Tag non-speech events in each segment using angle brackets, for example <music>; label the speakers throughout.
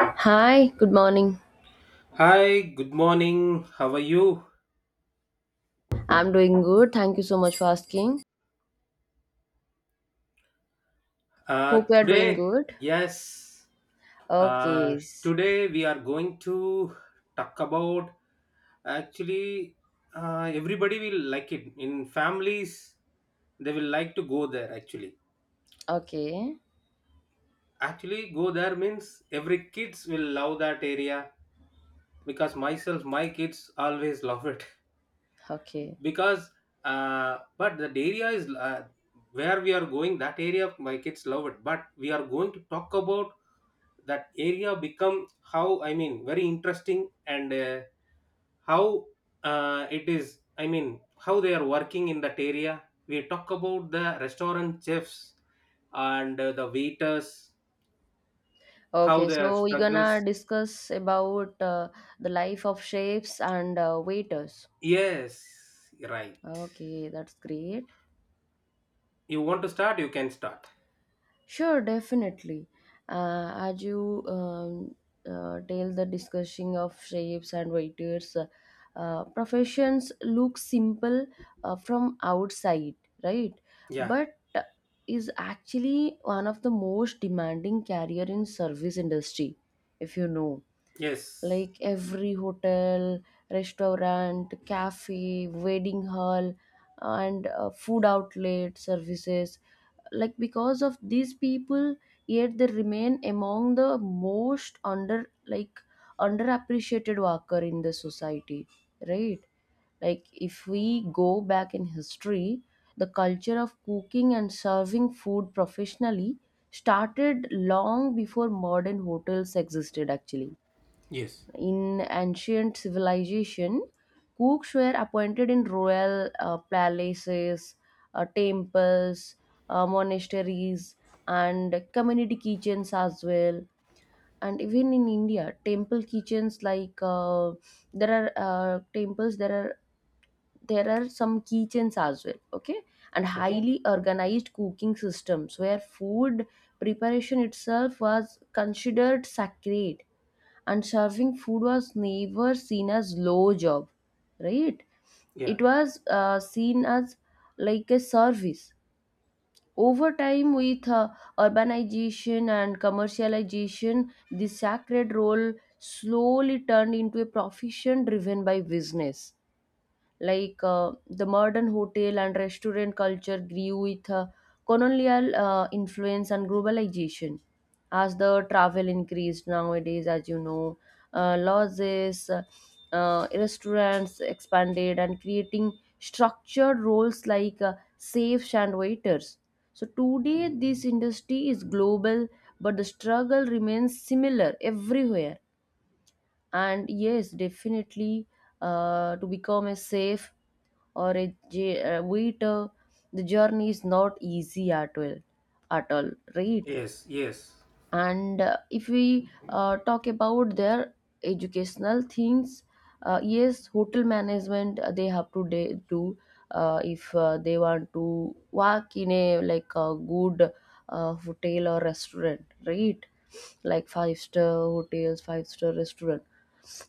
Speaker 1: Hi, good morning.
Speaker 2: Hi, good morning. How are you?
Speaker 1: I'm doing good. Thank you so much for asking.
Speaker 2: Uh,
Speaker 1: Hope you are doing
Speaker 2: today,
Speaker 1: good.
Speaker 2: yes, uh,
Speaker 1: Okay.
Speaker 2: today we are going to talk about actually everybody will like it. In families, they will like to go there actually.
Speaker 1: Okay.
Speaker 2: Actually, go there means every kids will love that area because myself, my kids always <laughs> love it.
Speaker 1: Okay.
Speaker 2: Because But that area is where we are going, that area my kids love it, but we are going to talk about that area become how, I mean, very interesting, and how it is, I mean, how they are working in that area. We talk about the restaurant chefs and the waiters, how
Speaker 1: Okay.
Speaker 2: their
Speaker 1: So we're gonna
Speaker 2: struggles.
Speaker 1: discuss about the life of chefs and waiters.
Speaker 2: Yes, right.
Speaker 1: Okay, that's great.
Speaker 2: You want to start, you can start.
Speaker 1: Sure, definitely. As you tell the discussing of shapes and waiters, professions look simple from outside, right?
Speaker 2: Yeah,
Speaker 1: But is actually one of the most demanding career in service industry, if you know.
Speaker 2: yes,
Speaker 1: Like every hotel, restaurant, cafe, wedding hall, and food outlet services, like, because of these people, yet they remain among the most underappreciated worker in the society, right. Like, if we go back in history, the culture of cooking and serving food professionally started long before modern hotels existed, actually.
Speaker 2: yes,
Speaker 1: In ancient civilization, cooks were appointed in royal palaces, temples, monasteries, and community kitchens as well. And even in India, temple kitchens, like, there are temples, there are some kitchens as well. Okay, and
Speaker 2: okay.
Speaker 1: highly organized cooking systems where food preparation itself was considered sacred, and serving food was never seen as low job, right.
Speaker 2: Yeah.
Speaker 1: It was seen as like a service. Over time, with urbanization and commercialization, this sacred role slowly turned into a profession driven by business. Like, the modern hotel and restaurant culture grew with colonial influence and globalization. As the travel increased nowadays, as you know, lodges, restaurants expanded and creating structured roles like safes and waiters. So today, this industry is global, but the struggle remains similar everywhere, and yes, definitely, to become a safe or a waiter, the journey is not easy at all, at all, right.
Speaker 2: Yes. Yes.
Speaker 1: And if we talk about their educational things, yes, hotel management, they have to do, if they want to work in a, like, a good hotel or restaurant, right, like five-star hotels, five-star restaurant,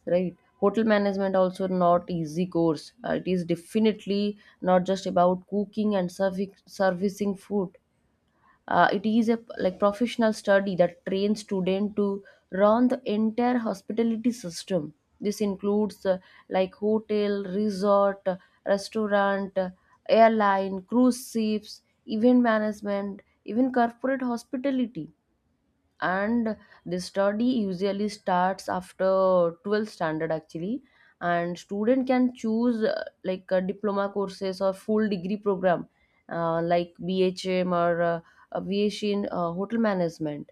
Speaker 1: right, hotel management also not easy course. It is definitely not just about cooking and serving servicing food. It is a, like, professional study that trains students to run the entire hospitality system. This includes like hotel, resort, restaurant, airline, cruise ships, event management, even corporate hospitality. And the study usually starts after 12th standard, actually. And student can choose like diploma courses or full degree program, like BHM or B H in hotel management.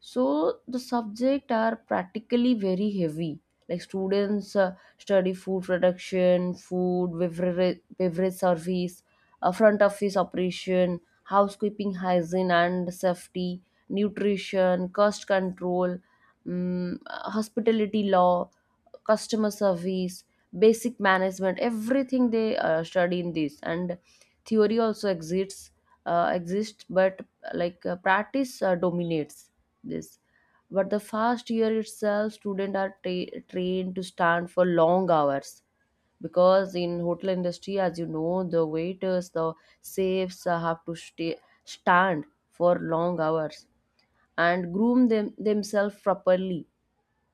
Speaker 1: So the subject are practically very heavy. Like students study food production, food beverage, beverage service, front office operation, housekeeping, hygiene and safety, nutrition, cost control, hospitality law, customer service, basic management, everything they study in this. And theory also exists but, like, practice dominates this. But the first year itself, students are trained to stand for long hours, because in hotel industry, as you know, the waiters, the safes, have to stay stand for long hours and groom them themselves properly,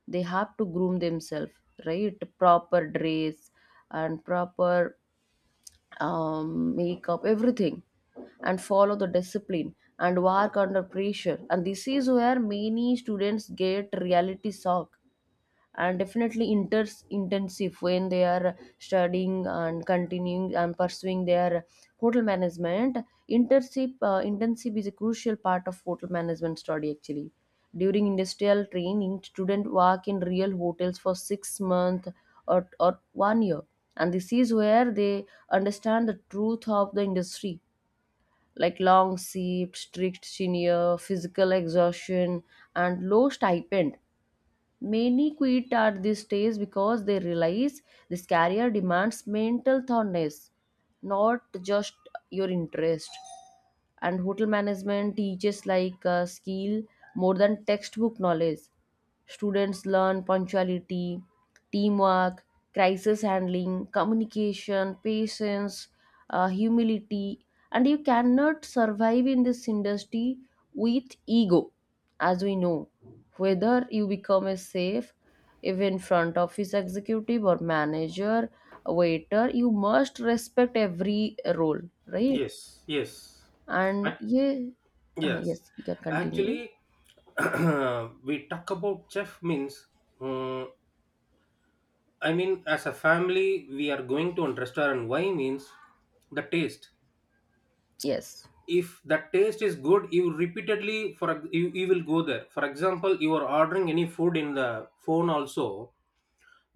Speaker 1: they have to groom themselves, right, proper dress and proper makeup, everything, and follow the discipline and work under pressure. And this is where many students get reality shock and definitely inter intensive when they are studying and continuing and pursuing their hotel management. Internship is a crucial part of hotel management study, actually. During industrial training, student work in real hotels for 6 months or one year, and this is where they understand the truth of the industry, like long shifts, strict senior, physical exhaustion, and low stipend. Many quit at this stage because they realize this career demands mental thoroughness, not just your interest. And hotel management teaches, like, a skill more than textbook knowledge. Students learn punctuality, teamwork, crisis handling, communication, patience, humility. And you cannot survive in this industry with ego, as we know. Whether you become a safe, even front office executive or manager, waiter, you must respect every role, right.
Speaker 2: Yes. Yes.
Speaker 1: And
Speaker 2: Ac-
Speaker 1: yeah,
Speaker 2: Yes.
Speaker 1: yes, you can continue.
Speaker 2: Actually, <clears throat> we talk about chef means. uh, I mean, as a family, we are going to a restaurant. Why means the taste.
Speaker 1: Yes,
Speaker 2: If that taste is good, you repeatedly, you will go there. For example, you are ordering any food in the phone also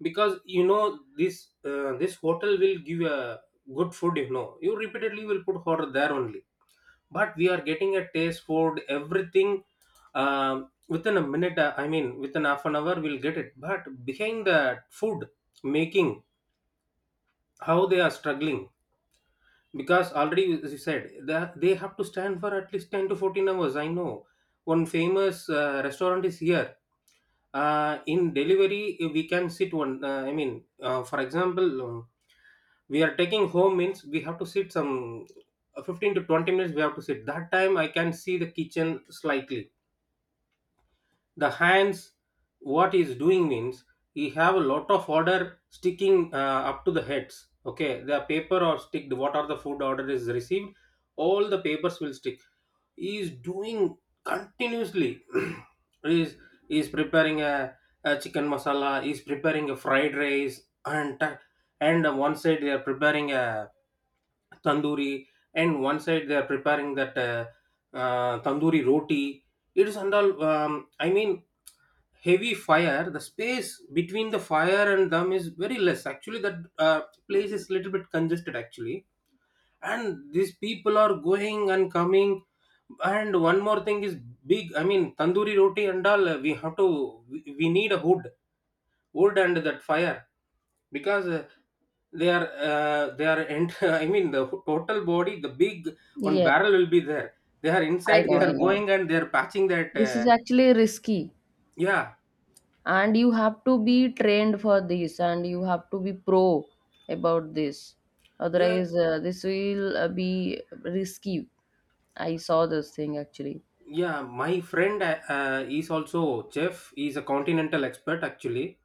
Speaker 2: because you know this hotel will give a good food. You know, you repeatedly will put order there only, but we are getting a taste food everything within a minute, I mean, within half an hour we'll get it, but behind the food making, how they are struggling. Because already, as you said, that they have to stand for at least 10 to 14 hours. I know one famous restaurant is here in delivery. We can sit one, for example, we are taking home means we have to sit some 15 to 20 minutes. We have to sit that time, I can see the kitchen slightly, the hands what is doing means. We have a lot of order sticking up to the heads, okay, the paper or stick what are the food order is received, all the papers will stick. He is doing continuously. <clears throat> he is he is preparing a chicken masala. He is preparing a fried rice, and on one side they are preparing a tandoori, and one side they are preparing that tandoori roti. It is under, I mean, heavy fire. The space between the fire and them is very less. Actually, that place is little bit congested. Actually, and these people are going and coming. And one more thing is big. I mean, tandoori roti and all. We have to. We need a hood wood and that fire because they are <laughs> total body the big one
Speaker 1: yeah,
Speaker 2: barrel will be there. They are
Speaker 1: I
Speaker 2: inside, they
Speaker 1: know, I
Speaker 2: are
Speaker 1: know.
Speaker 2: going and they are patching that
Speaker 1: This is actually risky,
Speaker 2: yeah,
Speaker 1: and you have to be trained for this, and you have to be pro about this.
Speaker 2: yeah,
Speaker 1: Otherwise, this will be risky. I saw this thing, actually.
Speaker 2: yeah. My friend, is also chef, he's a continental expert actually.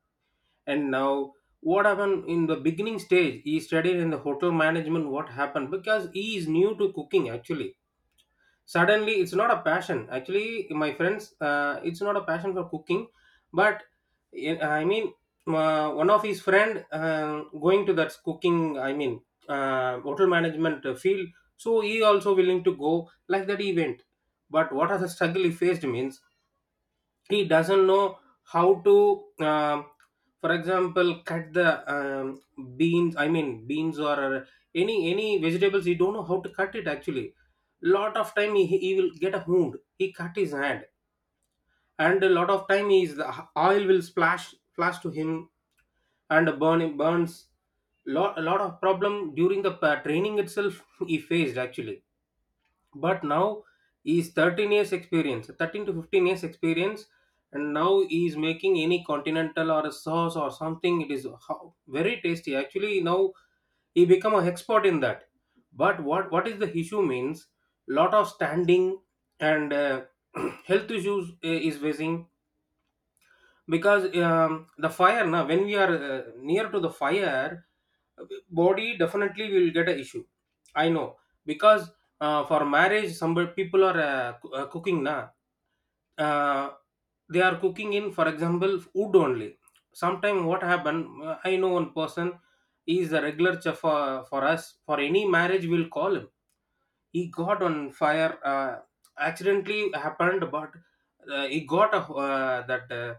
Speaker 2: And now what happened in the beginning stage, he studied in the hotel management. What happened because he is new to cooking actually, suddenly it's not a passion actually, my friends, it's not a passion for cooking, but eh, i mean one of his friend going to that cooking, i mean hotel management field, so he also willing to go like that event. But what are the struggle he faced means, he doesn't know how to um, for example, cut the beans, I mean beans or any vegetables, he don't know how to cut it actually. Lot of time he will get a wound, he cut his hand. And a lot of time is the oil will splash, flash to him and burn him, burns. Lot a lot of problem during the training itself <laughs> he faced actually. But now he's 13 years experience, 13 to 15 years experience. And now he's making any continental or a sauce or something, it is very tasty actually now. He become an expert in that. But what is the issue means, lot of standing, and <clears throat> health issues is facing because the fire, now when we are near to the fire, body definitely will get a issue. I know, because for marriage some people are cooking na, uh, they are cooking in, for example, wood only. Sometime what happen, I know one person, he is a regular chef for, us, for any marriage we'll call him. He got on fire, accidentally happened, but he got a, that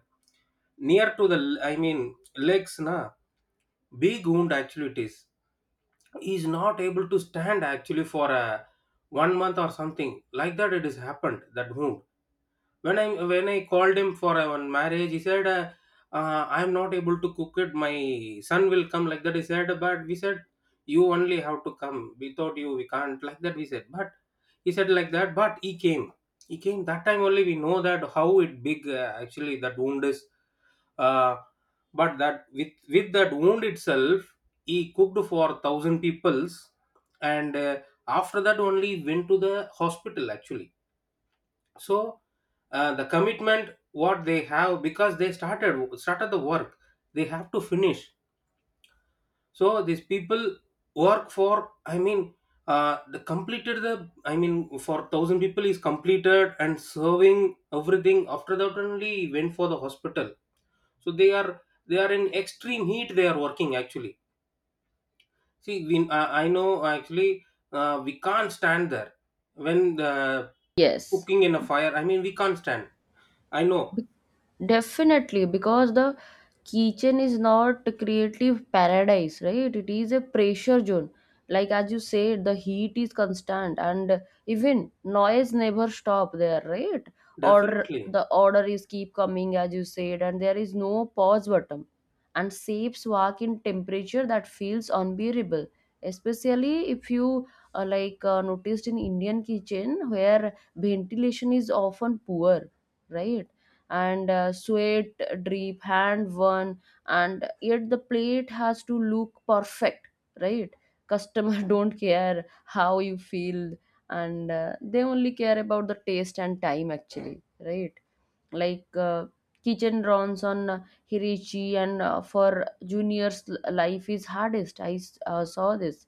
Speaker 2: near to the, I mean, legs na, big wound actually it is. He's not able to stand actually for a 1 month or something like that, it has happened that wound. When I called him for a one marriage, he said, I'm not able to cook it, my son will come, like that he said. But we said, you only have to come, without you we can't, like that we said. But he said like that, but he came. He came that time only we know that how it big actually that wound is. uh, but that, with that wound itself, he cooked for thousand peoples, and after that only went to the hospital actually. So the commitment what they have, because they started the work, they have to finish. So these people work for, I mean, the completed the, I mean, for thousand people is completed and serving everything, after that only went for the hospital. So they are in extreme heat they are working actually. See, I know actually, we can't stand there when the
Speaker 1: Yes.
Speaker 2: cooking in a fire, I mean we can't stand. I know.
Speaker 1: Definitely, because the kitchen is not a creative paradise, right? It is a pressure zone. Like as you said, the heat is constant and even noise never stop there, right? Order
Speaker 2: Definitely.
Speaker 1: the order is keep coming, as you said, and there is no pause button. And shapes work in temperature that feels unbearable, especially if you like noticed in Indian kitchen where ventilation is often poor, right? And sweat drip hand one, and yet the plate has to look perfect, right. Customer <laughs> don't care how you feel, and they only care about the taste and time, actually, right. Like, kitchen runs on hirichi, and for juniors, life is hardest. I saw this.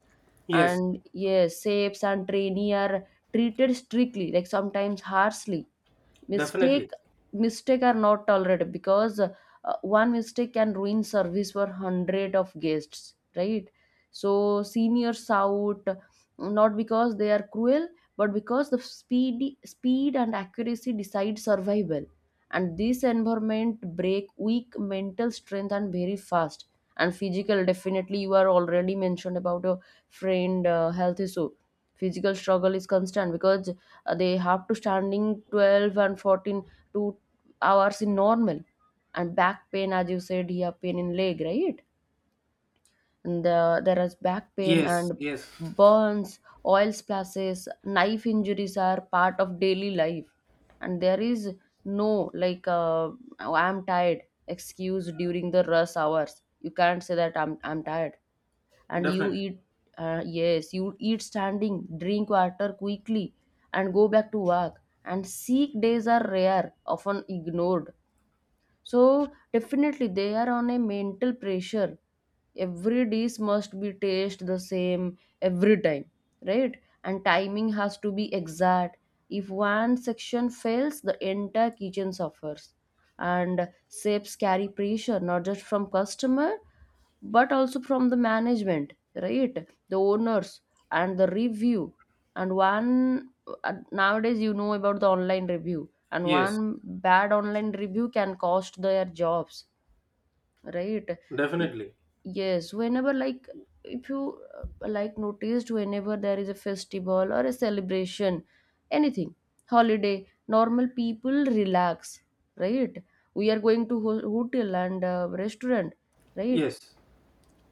Speaker 2: Yes.
Speaker 1: And yes, shapes and trainee are treated strictly, like sometimes harshly.
Speaker 2: Definitely.
Speaker 1: Mistake mistake are not tolerated, because one mistake can ruin service for hundred of guests, right. So seniors out, not because they are cruel, but because the speed and accuracy decide survival. And this environment break weak mental strength and very fast. And physical, definitely, you are already mentioned about your friend health issue. Physical struggle is constant because they have to standing 12 and 14 2 hours in normal, and back pain, as you said, here pain in leg, right. And there is back pain
Speaker 2: Yes.
Speaker 1: and
Speaker 2: Yes.
Speaker 1: burns, oil splashes, knife injuries are part of daily life. And there is no, like, "Oh, I'm tired" excuse during the rush hours. You can't say that I'm tired. And you
Speaker 2: Definitely.
Speaker 1: eat, yes, you eat standing, drink water quickly, and go back to work. And sick days are rare, often ignored. So definitely they are on a mental pressure. Every dish must be taste the same every time, right? And timing has to be exact. If one section fails, the entire kitchen suffers. And chefs carry pressure not just from customer but also from the management, right? The owners and the review. And one nowadays you know about the online review, and
Speaker 2: Yes.
Speaker 1: one bad online review can cost their jobs, right. Y-
Speaker 2: Definitely.
Speaker 1: yes, whenever, like, if you like noticed whenever there is a festival or a celebration, anything, holiday, normal people relax, right. We are going to hotel and restaurant, right.
Speaker 2: Yes.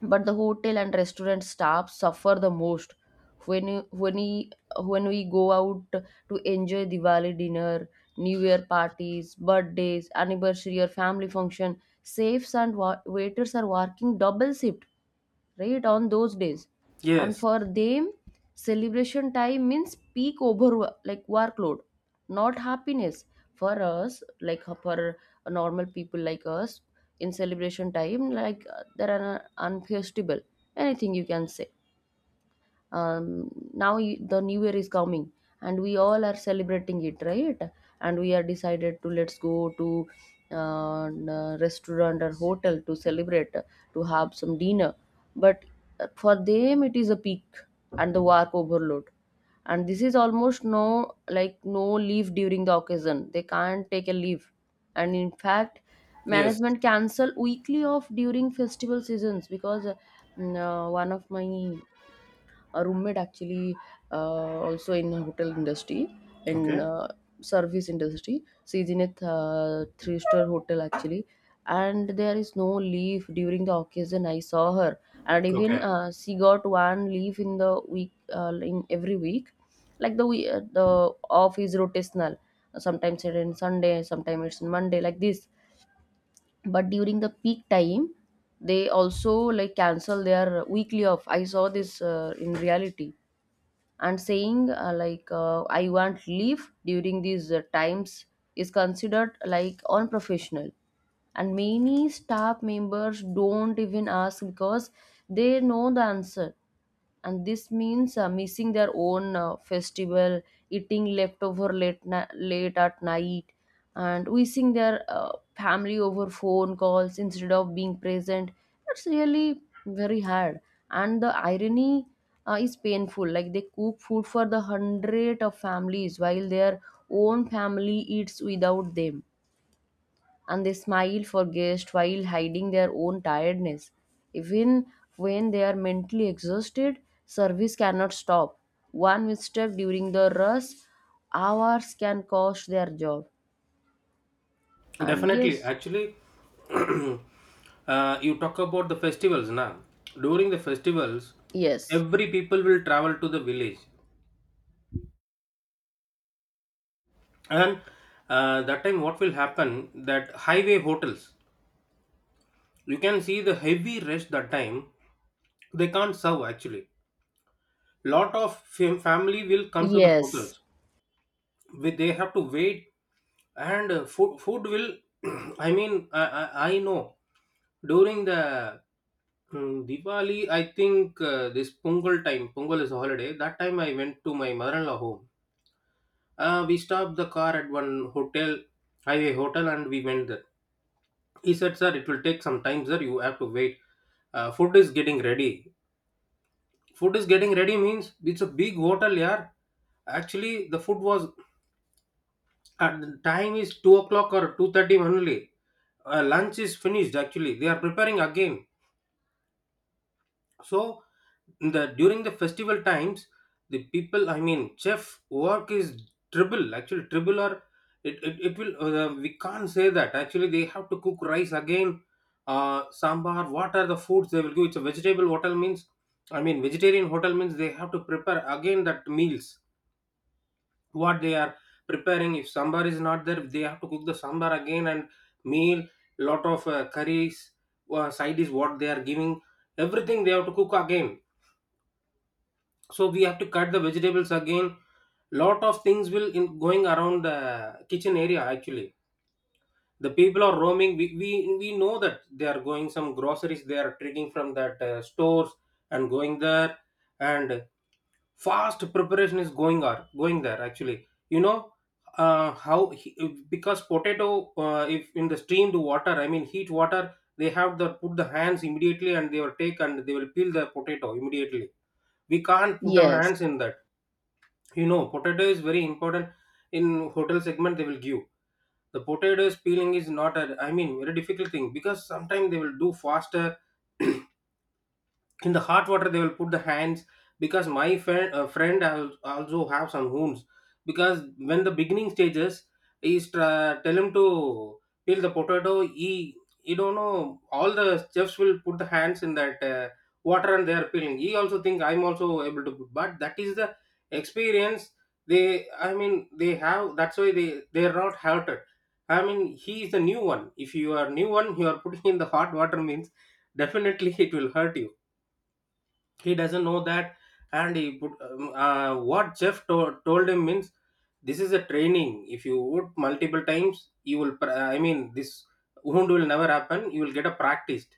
Speaker 1: But the hotel and restaurant staff suffer the most. When you- when we when we go out to enjoy Diwali dinner, New Year parties, birthdays, anniversary or family function, safes and waiters are working double shift, right, on those days. And
Speaker 2: Yes.
Speaker 1: for them, celebration time means peak over, like, workload, not happiness. For us, like for normal people like us, in celebration time, like that are unquestionable, anything you can say. Now, the new year is coming, and we all are celebrating it, right. And we are decided to let's go to restaurant or hotel to celebrate to have some dinner. But for them, it is a peak and the work overload. And this is almost no, like, no leave during the occasion, they can't take a leave. And in fact,
Speaker 2: Yes.
Speaker 1: management cancel weekly off during festival seasons because one of my, a roommate, actually, also in hotel industry, in
Speaker 2: Okay.
Speaker 1: service industry, she's in a three-star hotel, actually. And there is no leave during the occasion, I saw her. And even
Speaker 2: Okay.
Speaker 1: she got one leave in the week, in every week. Like the off is rotational, sometimes it's in Sunday, sometimes it's in Monday, like this. But during the peak time, they also like cancel their weekly off. I saw this in reality. And saying like I want leave during these times is considered, like, unprofessional. And many staff members don't even ask because they know the answer. And this means missing their own festival, eating leftover late at night, and wishing their family over phone calls instead of being present. It's really very hard, and the irony is painful. Like they cook food for the hundred of families while their own family eats without them, and they smile for guests while hiding their own tiredness. Even when they are mentally exhausted, service cannot stop. One mistake during the rush hours can cost their job. And
Speaker 2: Definitely.
Speaker 1: yes,
Speaker 2: Actually, <clears throat> you talk about the festivals now. During the festivals,
Speaker 1: yes,
Speaker 2: every people will travel to the village, and that time what will happen? That highway hotels, you can see the heavy rush that time. They can't serve actually. Lot of family will come to the
Speaker 1: yes.
Speaker 2: hotels, they have to wait, and food will <clears throat> I mean, I I know. During the diwali, I think, this pongal time, pongal is a holiday, that time I went to my mother-in-law home. We stopped the car at one hotel, highway hotel, and we went there. He said sir, it will take some time sir, you have to wait, food is getting ready. Food is getting ready means it's a big hotel, yeah. Actually the food was. And the time is 2 o'clock or 2:30 only. Lunch is finished actually, they are preparing again. So the, during the festival times, the people, I mean, chef work is triple. Actually, triple or it will, we can't say that. Actually, they have to cook rice again, sambar, what are the foods they will give. It's a vegetable hotel means, I mean, vegetarian hotel means they have to prepare again that meals what they are preparing. If sambar is not there, they have to cook the sambar again, and meal, lot of curries, side is what they are giving, everything they have to cook again. So we have to cut the vegetables again. Lot of things will in going around the kitchen area actually. The people are roaming, we know that they are going some groceries, they are taking from that stores and going there. And fast preparation is going on going there actually, you know. How he, because potato, if in the steamed water, I mean heat water, they have the put the hands immediately, and they will take and they will peel the potato immediately. We can't put our
Speaker 1: Yes,
Speaker 2: hands in that. You know potato is very important, in hotel segment they will give. The potatoes peeling is not a, I mean, very difficult thing, because sometimes they will do faster <clears throat> in the hot water they will put the hands. Because my friend, friend also have some wounds, because when the beginning stages is, tell him to peel the potato, he he don't know all the chefs will put the hands in that water and they are peeling. He also think I'm also able to put, but that is the experience they, I mean, they have, that's why they are not hurted. I mean he is the new one, if you are new one, you are putting in the hot water means <laughs> definitely it will hurt you. He doesn't know that. And he put what jeff told him means, this is a training, if you would multiple times, you will this wound will never happen, you will get a practiced.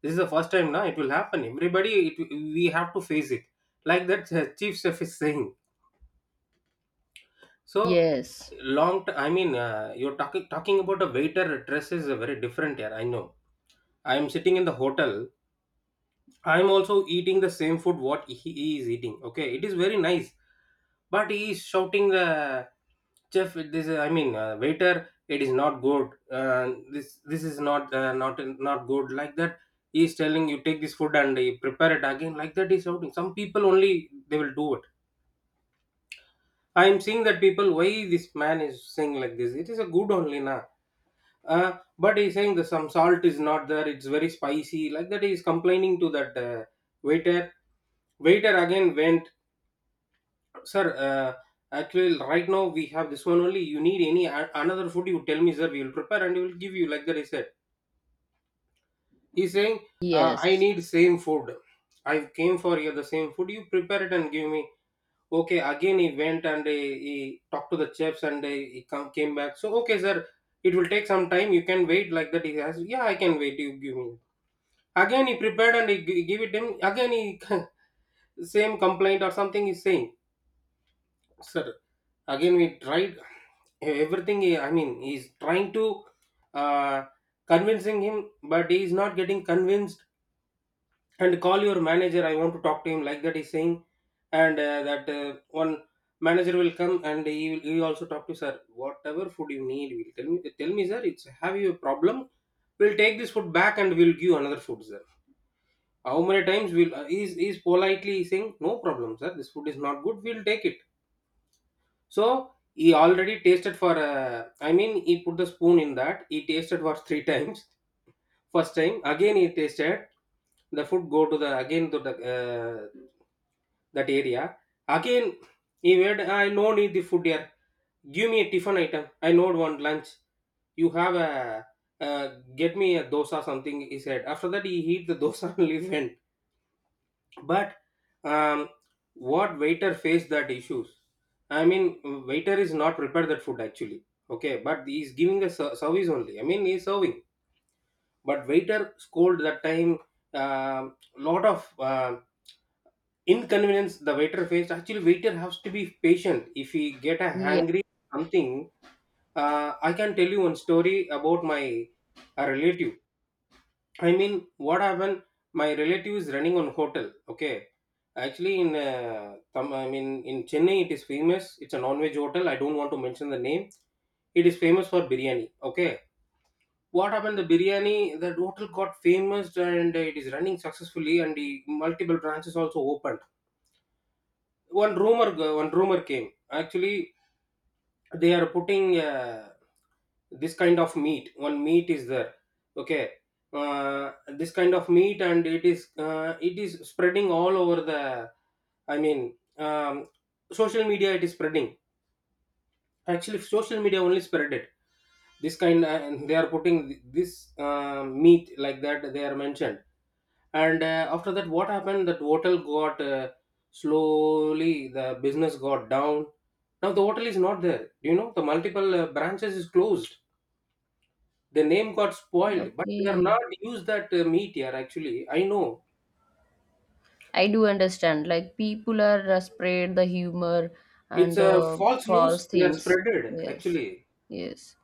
Speaker 2: This is the first time now it will happen everybody we have to face it. Like that chief chef is saying. So
Speaker 1: yes,
Speaker 2: long t- I mean you're talking about a waiter dress is a very different here, I know. I am sitting in the hotel. I'm also eating the same food what he is eating. Okay, it is very nice, but he is shouting the chef. This waiter. It is not good. This is not not good, like that. He is telling, you take this food and you prepare it again, like that. He's shouting. Some people only they will do it. I am seeing that people, why this man is saying like this? It is a good only na. But he's saying the some salt is not there. It's very spicy. Like that, he's complaining to that waiter. Waiter again went, sir. Actually, right now we have this one only. You need any another food? You tell me, sir. We will prepare and we will give you. Like that, he said. He's saying, I
Speaker 1: yes,
Speaker 2: need same food. I came for here the same food. You prepare it and give me. Okay. Again, he went and he talked to the chefs and came back. So okay, sir. It will take some time. You can wait, like that. He has. Yeah, I can wait. You give me. Again, he prepared and he give it him. Again, he <laughs> same complaint or something he's saying. Sir, again we tried everything. He's trying to uh, convincing him, but he is not getting convinced. And call your manager. I want to talk to him, like that. He's saying, and that one manager will come and he will also talk to sir. Whatever food you need, will tell me. Tell me, sir. It's have you a problem? We'll take this food back and we'll give you another food, sir. How many times will he's politely saying, no problem sir, this food is not good, we'll take it. So he already tasted for he put the spoon in that, he tasted for three <laughs> times. First time again he tasted the food, go to the again to the that area again. He made, I no need the food here, give me a tiffin item, I know one lunch you have a uh, get me a dosa, something he said. After that he eat the dosa <laughs> and leave. But um, what waiter faced that issues, I mean waiter is not prepared that food actually. Okay, but he's giving the service only, I mean he's serving. But waiter scold that time, um, lot of um, inconvenience the waiter faced. Actually waiter has to be patient if he get a
Speaker 1: yes.
Speaker 2: hungry something. I can tell you one story about my a relative. I mean, what happened? My relative is running on hotel. Okay, actually, in in Chennai, it is famous. It's a non-veg hotel. I don't want to mention the name. It is famous for biryani. Okay, what happened? The biryani, that hotel got famous, and it is running successfully, and the multiple branches also opened. One rumor, one rumor came. Actually, they are putting this kind of meat, one meat is there, okay, this kind of meat, and it is spreading all over the, i mean um, social media, it is spreading. Actually social media only spread it, this kind, and they are putting this meat, like that they are mentioned. And after that what happened, that hotel got slowly the business got down. Now the hotel is not there, you know, the multiple branches is closed. The name got spoiled, but they are
Speaker 1: Okay,
Speaker 2: not used that meet here actually, I know.
Speaker 1: I do understand. Like people are spread the humor and
Speaker 2: It's a
Speaker 1: the
Speaker 2: false
Speaker 1: false
Speaker 2: news they are
Speaker 1: things.
Speaker 2: spreaded
Speaker 1: Yes,
Speaker 2: actually.
Speaker 1: yes,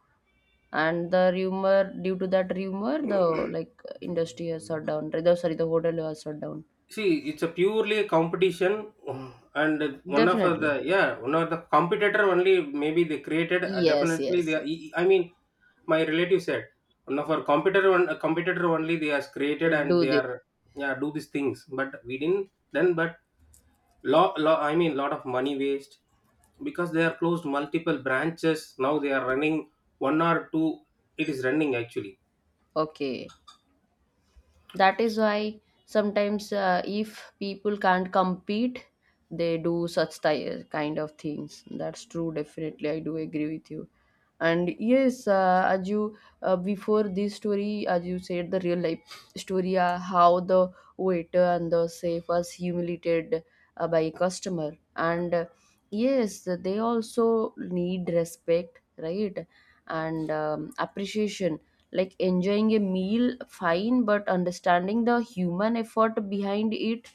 Speaker 1: and the rumor, due to that rumor, the,
Speaker 2: <clears throat>
Speaker 1: like, industry has shut down. The, sorry, the hotel has shut down.
Speaker 2: See, it's a purely competition, and one of
Speaker 1: Definitely.
Speaker 2: the, yeah, one of the competitor only maybe they created.
Speaker 1: Yes,
Speaker 2: Definitely,
Speaker 1: yes,
Speaker 2: they. Are,
Speaker 1: yes.
Speaker 2: e, e, I mean, my relative said one of our competitor, one a competitor only they has created, and
Speaker 1: Do
Speaker 2: they
Speaker 1: this.
Speaker 2: are, yeah, do these things. But we didn't then. But lot of money waste, because they are closed multiple branches. Now they are running one or two. It is running actually
Speaker 1: Okay. That is why sometimes if people can't compete, they do kind of things. That's true, definitely I do agree with you. And yes, as you before this story, as you said, the real life story, how the waiter and the chef was humiliated by a customer, and yes, they also need respect, right? And appreciation, like enjoying a meal fine, but understanding the human effort behind it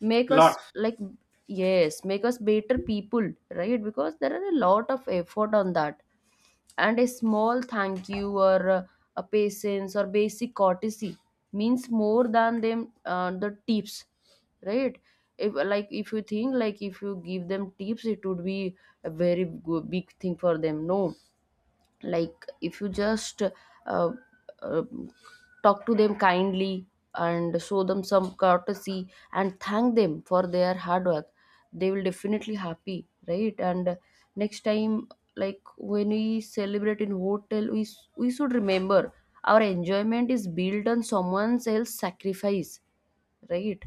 Speaker 1: make
Speaker 2: lot.
Speaker 1: us like, yes, make us better people, right? Because there are a lot of effort on that, and a small thank you or a patience or basic courtesy means more than the tips, right? If like, if you think, like, if you give them tips, it would be a big thing for them, no? Like, if you just uh, uh, talk to them kindly and show them some courtesy and thank them for their hard work, they will definitely happy, right? And next time, like when we celebrate in hotel, we should remember our enjoyment is built on someone else's sacrifice, right?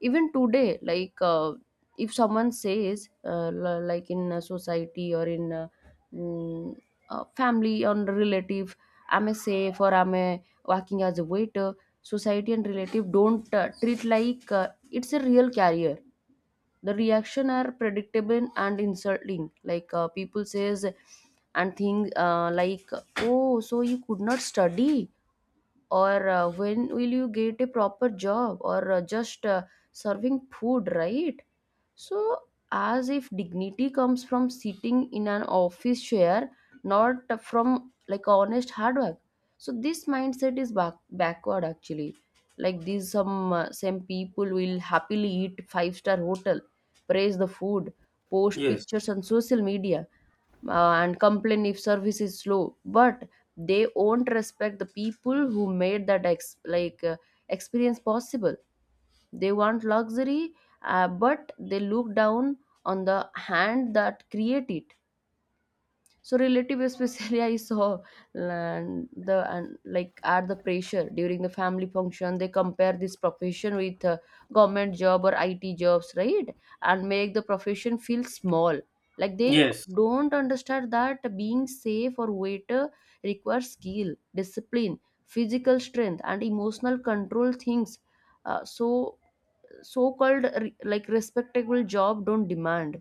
Speaker 1: Even today, like if someone says, like in a society or in mm, a family or relative, I'm a safe or I'm a working as a waiter, society and relative don't treat like it's a real career. The reaction are predictable and insulting. Like people says and think, like, oh, so you could not study, or when will you get a proper job, or just serving food, right? So as if dignity comes from sitting in an office chair, not from like honest hard work. So this mindset is backward actually. Like these some same people will happily eat five-star hotel, praise the food, post
Speaker 2: Yes,
Speaker 1: pictures on social media, and complain if service is slow, but they won't respect the people who made like experience possible. They want luxury, but they look down on the hand that create it. So relative especially I saw, and the and like add the pressure during the family function. They compare this profession with government job or IT jobs, right, and make the profession feel small. Like they
Speaker 2: yes,
Speaker 1: don't understand that being safe or waiter requires skill, discipline, physical strength, and emotional control things. So so called like respectable job don't demand.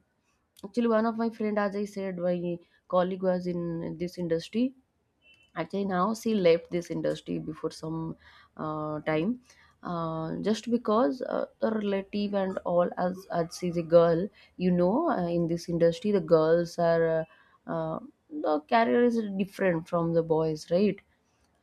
Speaker 1: Actually, one of my friend, as I said, my colleague was in this industry. Actually now she left this industry before some time, just because the relative and all. As she's a girl, you know, in this industry the girls are uh, the career is different from the boys, right?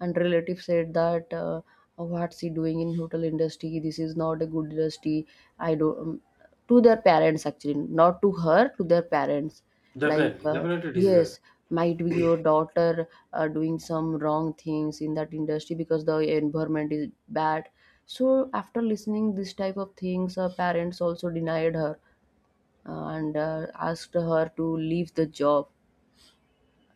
Speaker 1: And relative said that, what's he doing in hotel industry, this is not a good industry. I don't, to their parents actually, not to her, to their parents. Like
Speaker 2: definitely, definitely it is
Speaker 1: yes,
Speaker 2: there.
Speaker 1: might be your daughter doing some wrong things in that industry because the environment is bad. So after listening this type of things, her parents also denied her, and asked her to leave the job.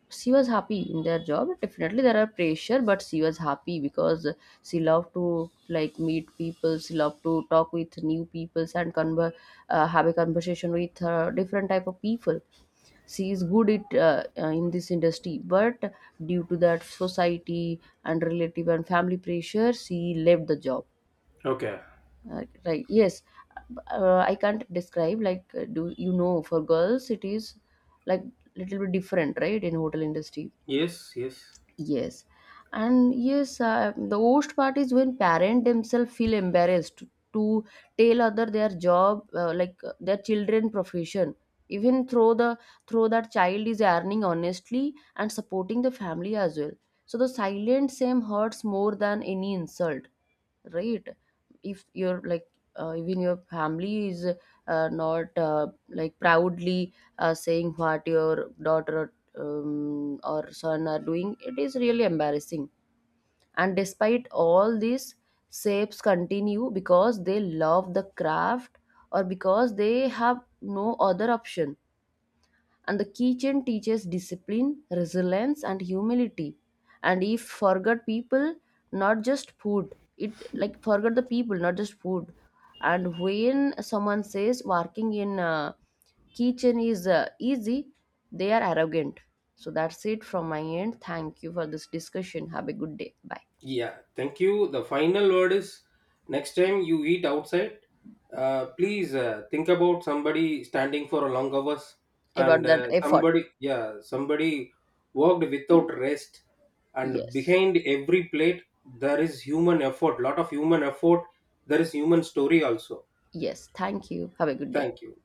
Speaker 1: She was happy in their job, definitely there are pressure, but she was happy because she loved to, like, meet people, she loved to talk with new people and have a conversation with different type of people. She is good it, in this industry, but due to that society and relative and family pressure, she left the job.
Speaker 2: Okay.
Speaker 1: Right, yes. I can't describe, like, do you know for girls it is like little bit different, right, in hotel industry?
Speaker 2: Yes, yes.
Speaker 1: Yes, and yes, the worst part is when parent themselves feel embarrassed to tell other their job, like their children profession. Even through the through that child is earning honestly and supporting the family as well. So the silent same hurts more than any insult, right? If you're like, even your family is not like proudly saying what your daughter or son are doing, it is really embarrassing. And despite all this, shapes continue because they love the craft or because they have no other option. And the kitchen teaches discipline, resilience, and humility. And if forget people, not just food, it like forget the people, not just food. And when someone says working in kitchen is easy, they are arrogant. So that's it from my end. Thank you for this discussion. Have a good day. Bye.
Speaker 2: Yeah, thank you. The final word is, next time you eat outside, please think about somebody standing for a long hours,
Speaker 1: About
Speaker 2: and
Speaker 1: that effort.
Speaker 2: somebody, yeah, somebody worked without rest. And
Speaker 1: Yes.
Speaker 2: behind every plate, there is human effort, lot of human effort. There is human story also.
Speaker 1: Yes. Thank you. Have a good day.
Speaker 2: Thank you.